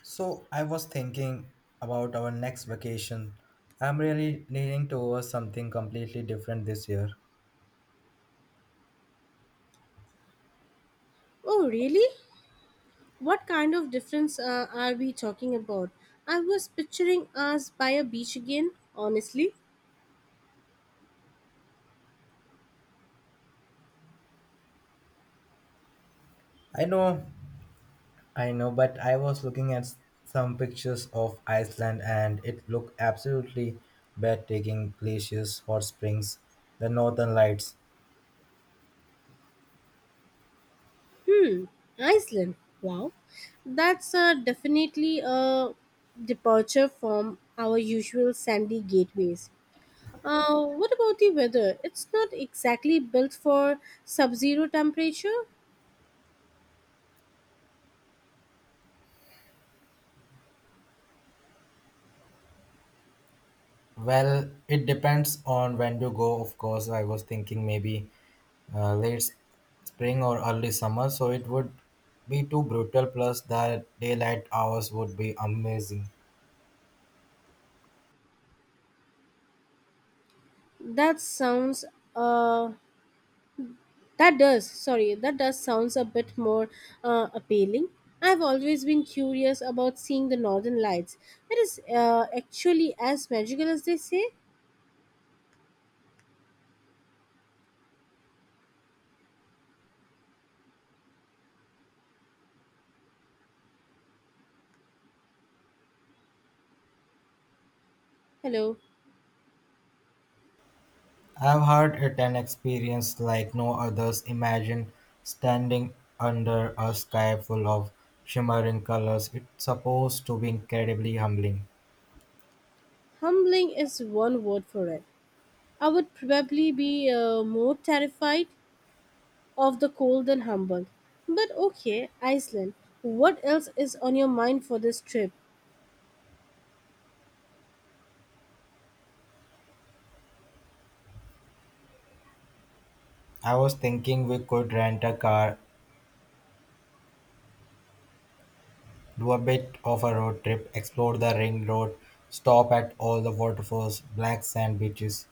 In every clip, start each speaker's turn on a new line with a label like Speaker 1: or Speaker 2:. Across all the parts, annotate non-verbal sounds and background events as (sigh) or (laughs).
Speaker 1: So I was thinking about our next vacation. I'm really leaning towards something completely different this year.
Speaker 2: Oh, really? What kind of difference are we talking about? I was picturing us by a beach again, honestly.
Speaker 1: I know, I know, but I was looking at some pictures of Iceland and it looked absolutely breathtaking glaciers, hot springs, the northern lights.
Speaker 2: Hmm, Iceland. Wow. That's definitely a departure from our usual sandy gateways. What about the weather? It's not exactly built for sub zero temperature.
Speaker 1: Well, it depends on when to go. Of course, I was thinking maybe late spring or early summer, so it would be too brutal. Plus, the daylight hours would be amazing.
Speaker 2: That sounds uh, That does, sorry, that does sounds a bit more appealing. I've always been curious about seeing the northern lights. It is actually as magical as they say. Hello,
Speaker 1: I've heard it an experience like no others. Imagine standing under a sky full of shimmering colors. It's supposed to be incredibly humbling.
Speaker 2: humbling is one word for it. I would probably be more terrified of the cold than humbled. But okay, Iceland, what else is on your mind for this trip?
Speaker 1: I was thinking we could rent a car. Do a bit of a road trip, explore the ring road, stop at all the waterfalls, black sand beaches.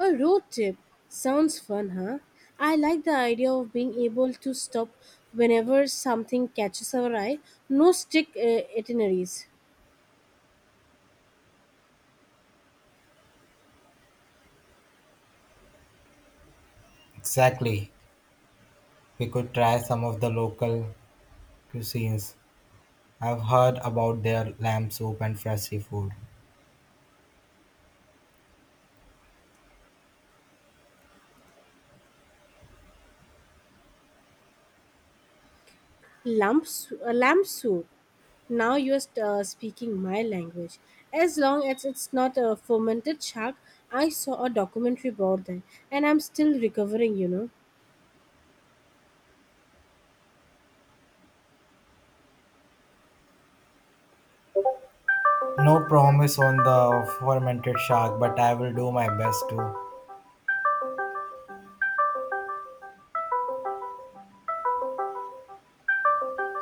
Speaker 2: A road trip sounds fun, huh? I like the idea of being able to stop whenever something catches our eye. No strict itineraries.
Speaker 1: Exactly. We could try some of the local cuisines. I've heard about their lamb soup and fresh seafood.
Speaker 2: Lamps, a lamp soup. Now you're speaking my language. As long as it's not a fermented shark, I saw a documentary about that, and I'm still recovering.
Speaker 1: No promise on the fermented shark, but I will do my best to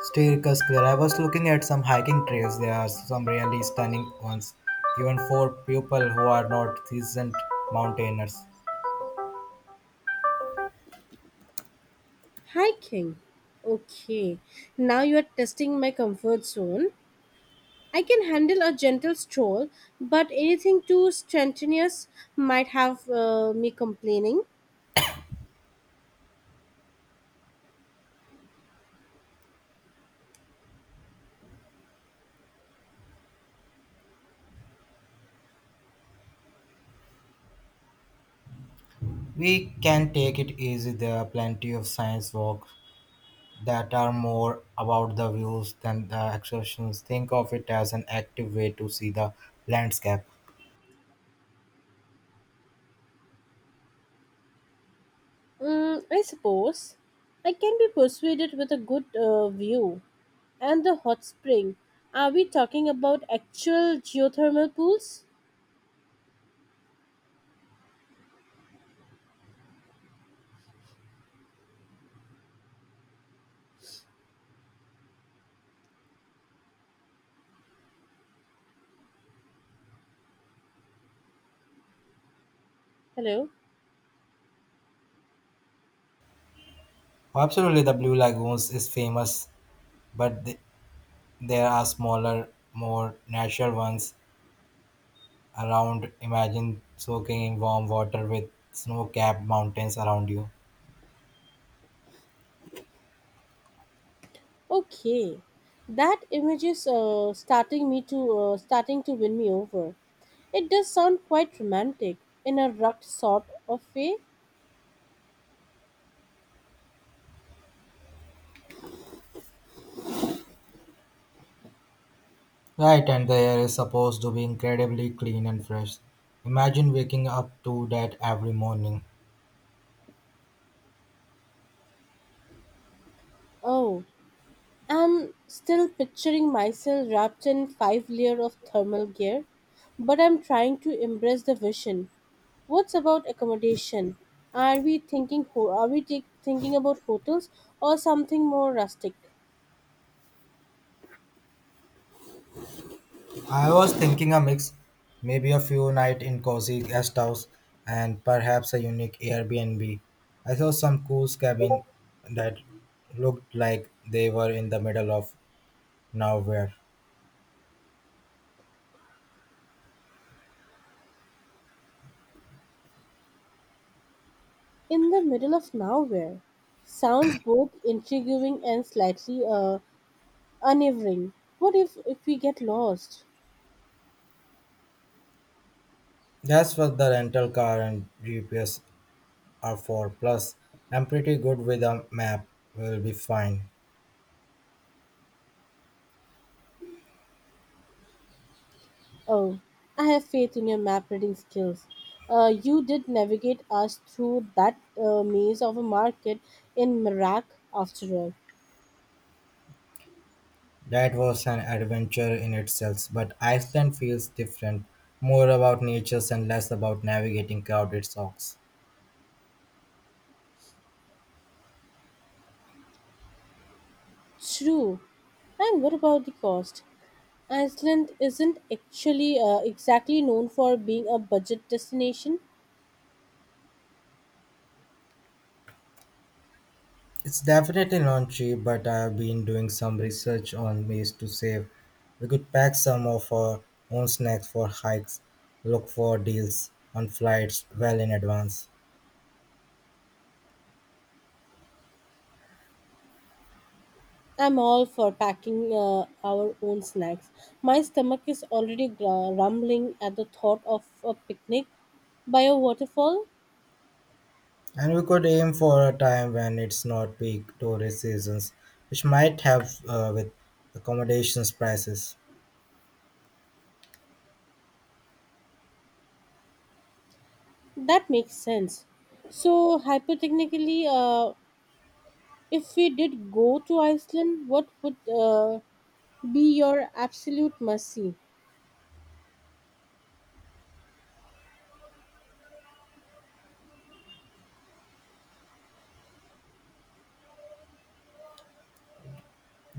Speaker 1: steer us clear. I was looking at some hiking trails. There are some really stunning ones, even for people who are not seasoned mountaineers.
Speaker 2: Hiking. Okay, now you are testing my comfort zone. I can handle a gentle stroll, but anything too strenuous might have me complaining.
Speaker 1: We can take it easy. There are plenty of science walks that are more about the views than the excursions. Think of it as an active way to see the landscape.
Speaker 2: Mm, I suppose I can be persuaded with a good view and the hot spring. Are we talking about actual geothermal pools? Hello.
Speaker 1: Absolutely, the Blue Lagoons is famous, but there are smaller, more natural ones around. Imagine soaking in warm water with snow capped mountains around you.
Speaker 2: Okay, that image is starting to win me over. It does sound quite romantic in a rugged sort of way.
Speaker 1: Right, and the air is supposed to be incredibly clean and fresh. Imagine waking up to that every morning.
Speaker 2: Oh, I'm still picturing myself wrapped in five layer of thermal gear, but I'm trying to embrace the vision. What's about accommodation? Are we thinking thinking about hotels or something more rustic?
Speaker 1: I was thinking a mix, maybe a few night in cozy guest house and perhaps a unique Airbnb. I saw some cool cabin that looked like they were in the middle of nowhere.
Speaker 2: In the middle of nowhere. Sounds both intriguing and slightly unnerving. What if we get lost?
Speaker 1: That's what the rental car and GPS are for. Plus, I'm pretty good with a map. We'll be fine.
Speaker 2: Oh, I have faith in your map reading skills. You did navigate us through that maze of a market in Merak, after all.
Speaker 1: That was an adventure in itself, but Iceland feels different, more about nature and less about navigating crowded socks.
Speaker 2: True. And what about the cost? Iceland isn't actually exactly known for being a budget destination.
Speaker 1: It's definitely not cheap, but I've been doing some research on ways to save. We could pack some of our own snacks for hikes, look for deals on flights well in advance.
Speaker 2: I'm all for packing our own snacks. My stomach is already rumbling at the thought of a picnic by a waterfall.
Speaker 1: And we could aim for a time when it's not peak tourist seasons, which might help with accommodations prices.
Speaker 2: That makes sense. So, hypothetically, if we did go to Iceland, what would be your absolute must see?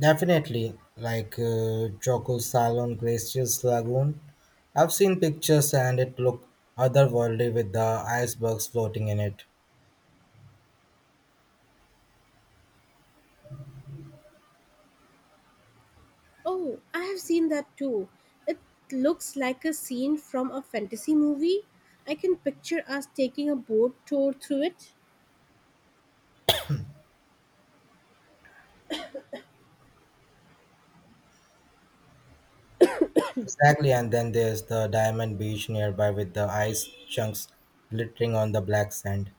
Speaker 1: Definitely, Choco Salon Glaciers Lagoon. I've seen pictures and it looked otherworldly with the icebergs floating in it.
Speaker 2: Oh, I have seen that too. It looks like a scene from a fantasy movie. I can picture us taking a boat tour through it.
Speaker 1: Exactly, and then there's the Diamond Beach nearby with the ice chunks glittering on the black sand.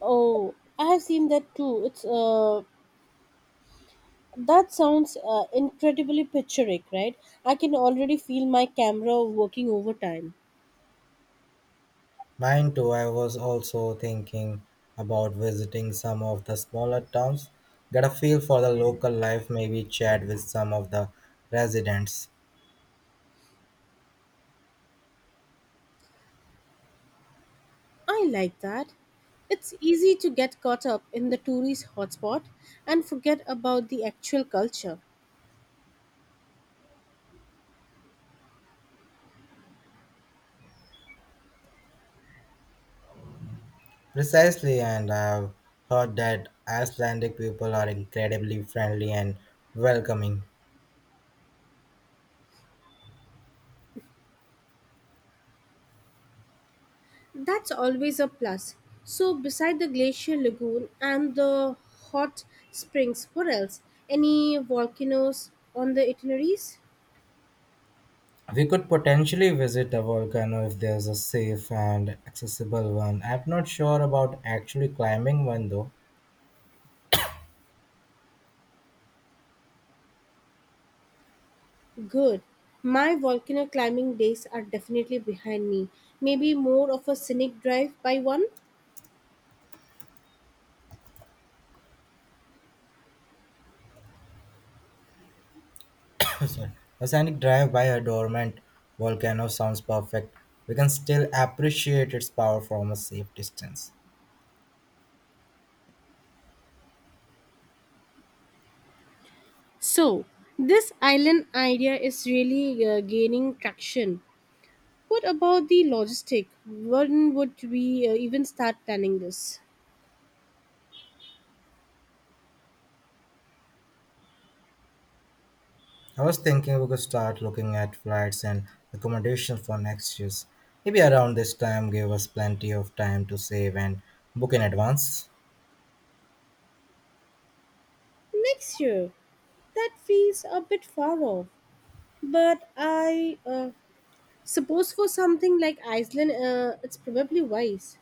Speaker 2: Oh, I have seen that too. It's That sounds incredibly picturesque, right? I can already feel my camera working overtime.
Speaker 1: Mine too, I was also thinking about visiting some of the smaller towns, get a feel for the local life, maybe chat with some of the residents.
Speaker 2: I like that. It's easy to get caught up in the tourist hotspot and forget about the actual culture.
Speaker 1: Precisely, and I've heard that Icelandic people are incredibly friendly and welcoming.
Speaker 2: That's always a plus. So, beside the glacier lagoon and the hot springs, what else? Any volcanoes on the itineraries?
Speaker 1: We could potentially visit a volcano if there's a safe and accessible one. I'm not sure about actually climbing one though.
Speaker 2: Good. My volcano climbing days are definitely behind me. Maybe more of a scenic drive by one?
Speaker 1: (laughs) (coughs) Sorry. A scenic drive by a dormant volcano sounds perfect. We can still appreciate its power from a safe distance.
Speaker 2: So, this island idea is really gaining traction. What about the logistic? When would we even start planning this?
Speaker 1: I was thinking we could start looking at flights and accommodation for next year's. Maybe around this time give us plenty of time to save and book in advance.
Speaker 2: Next year, that feels a bit far off, but I suppose for something like Iceland, it's probably wise.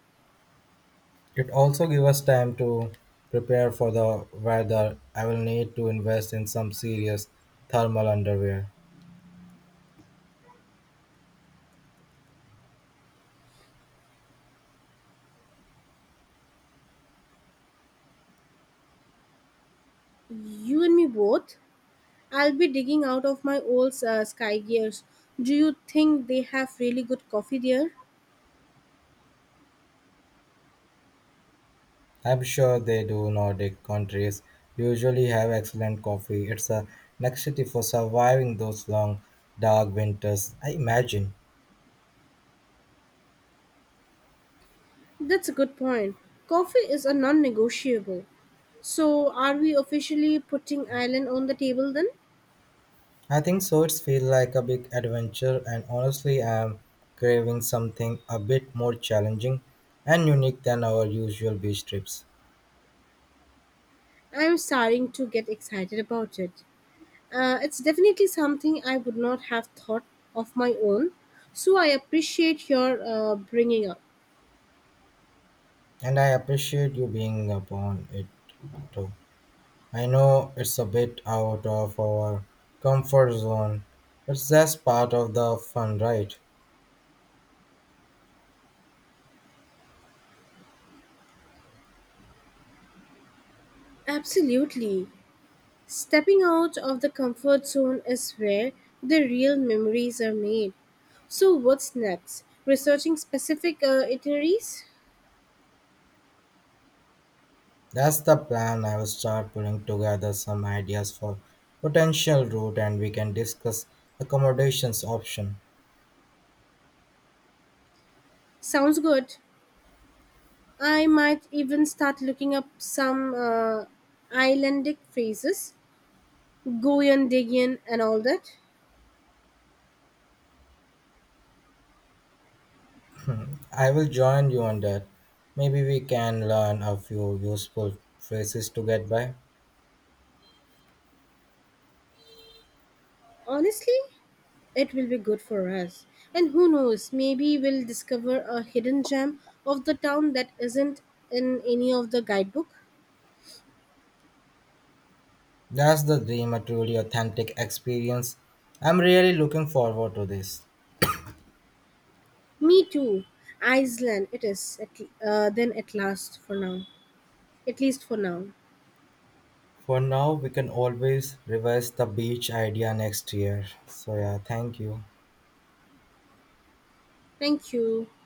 Speaker 1: It also gives us time to prepare for the weather. I will need to invest in some serious thermal underwear.
Speaker 2: You and me both. I'll be digging out of my old sky gears. Do you think they have really good coffee there?
Speaker 1: I'm sure they do. Nordic countries usually have excellent coffee. It's a necessity for surviving those long, dark winters. I imagine.
Speaker 2: That's a good point. Coffee is a non negotiable. So, are we officially putting Ireland on the table then?
Speaker 1: I think so. It's feel like a big adventure, and honestly, I'm craving something a bit more challenging and unique than our usual beach trips.
Speaker 2: I'm starting to get excited about it. It's definitely something I would not have thought of my own, so I appreciate your bringing up.
Speaker 1: And I appreciate you being upon it too. I know it's a bit out of our comfort zone, but that's part of the fun, right?
Speaker 2: Absolutely. Stepping out of the comfort zone is where the real memories are made. So, what's next? Researching specific itineraries?
Speaker 1: That's the plan. I will start pulling together some ideas for potential route and we can discuss accommodations option.
Speaker 2: Sounds good. I might even start looking up some islandic phrases, Goyendigian and all that.
Speaker 1: I will join you on that. Maybe we can learn a few useful phrases to get by.
Speaker 2: Honestly, it will be good for us. And who knows, maybe we'll discover a hidden gem of the town that isn't in any of the guidebook.
Speaker 1: That's the dream, a truly authentic experience. I'm really looking forward to this.
Speaker 2: Me too. Iceland, it is. At, then at last for now. At least for now.
Speaker 1: For now, we can always revise the beach idea next year. So, yeah, thank you.
Speaker 2: Thank you.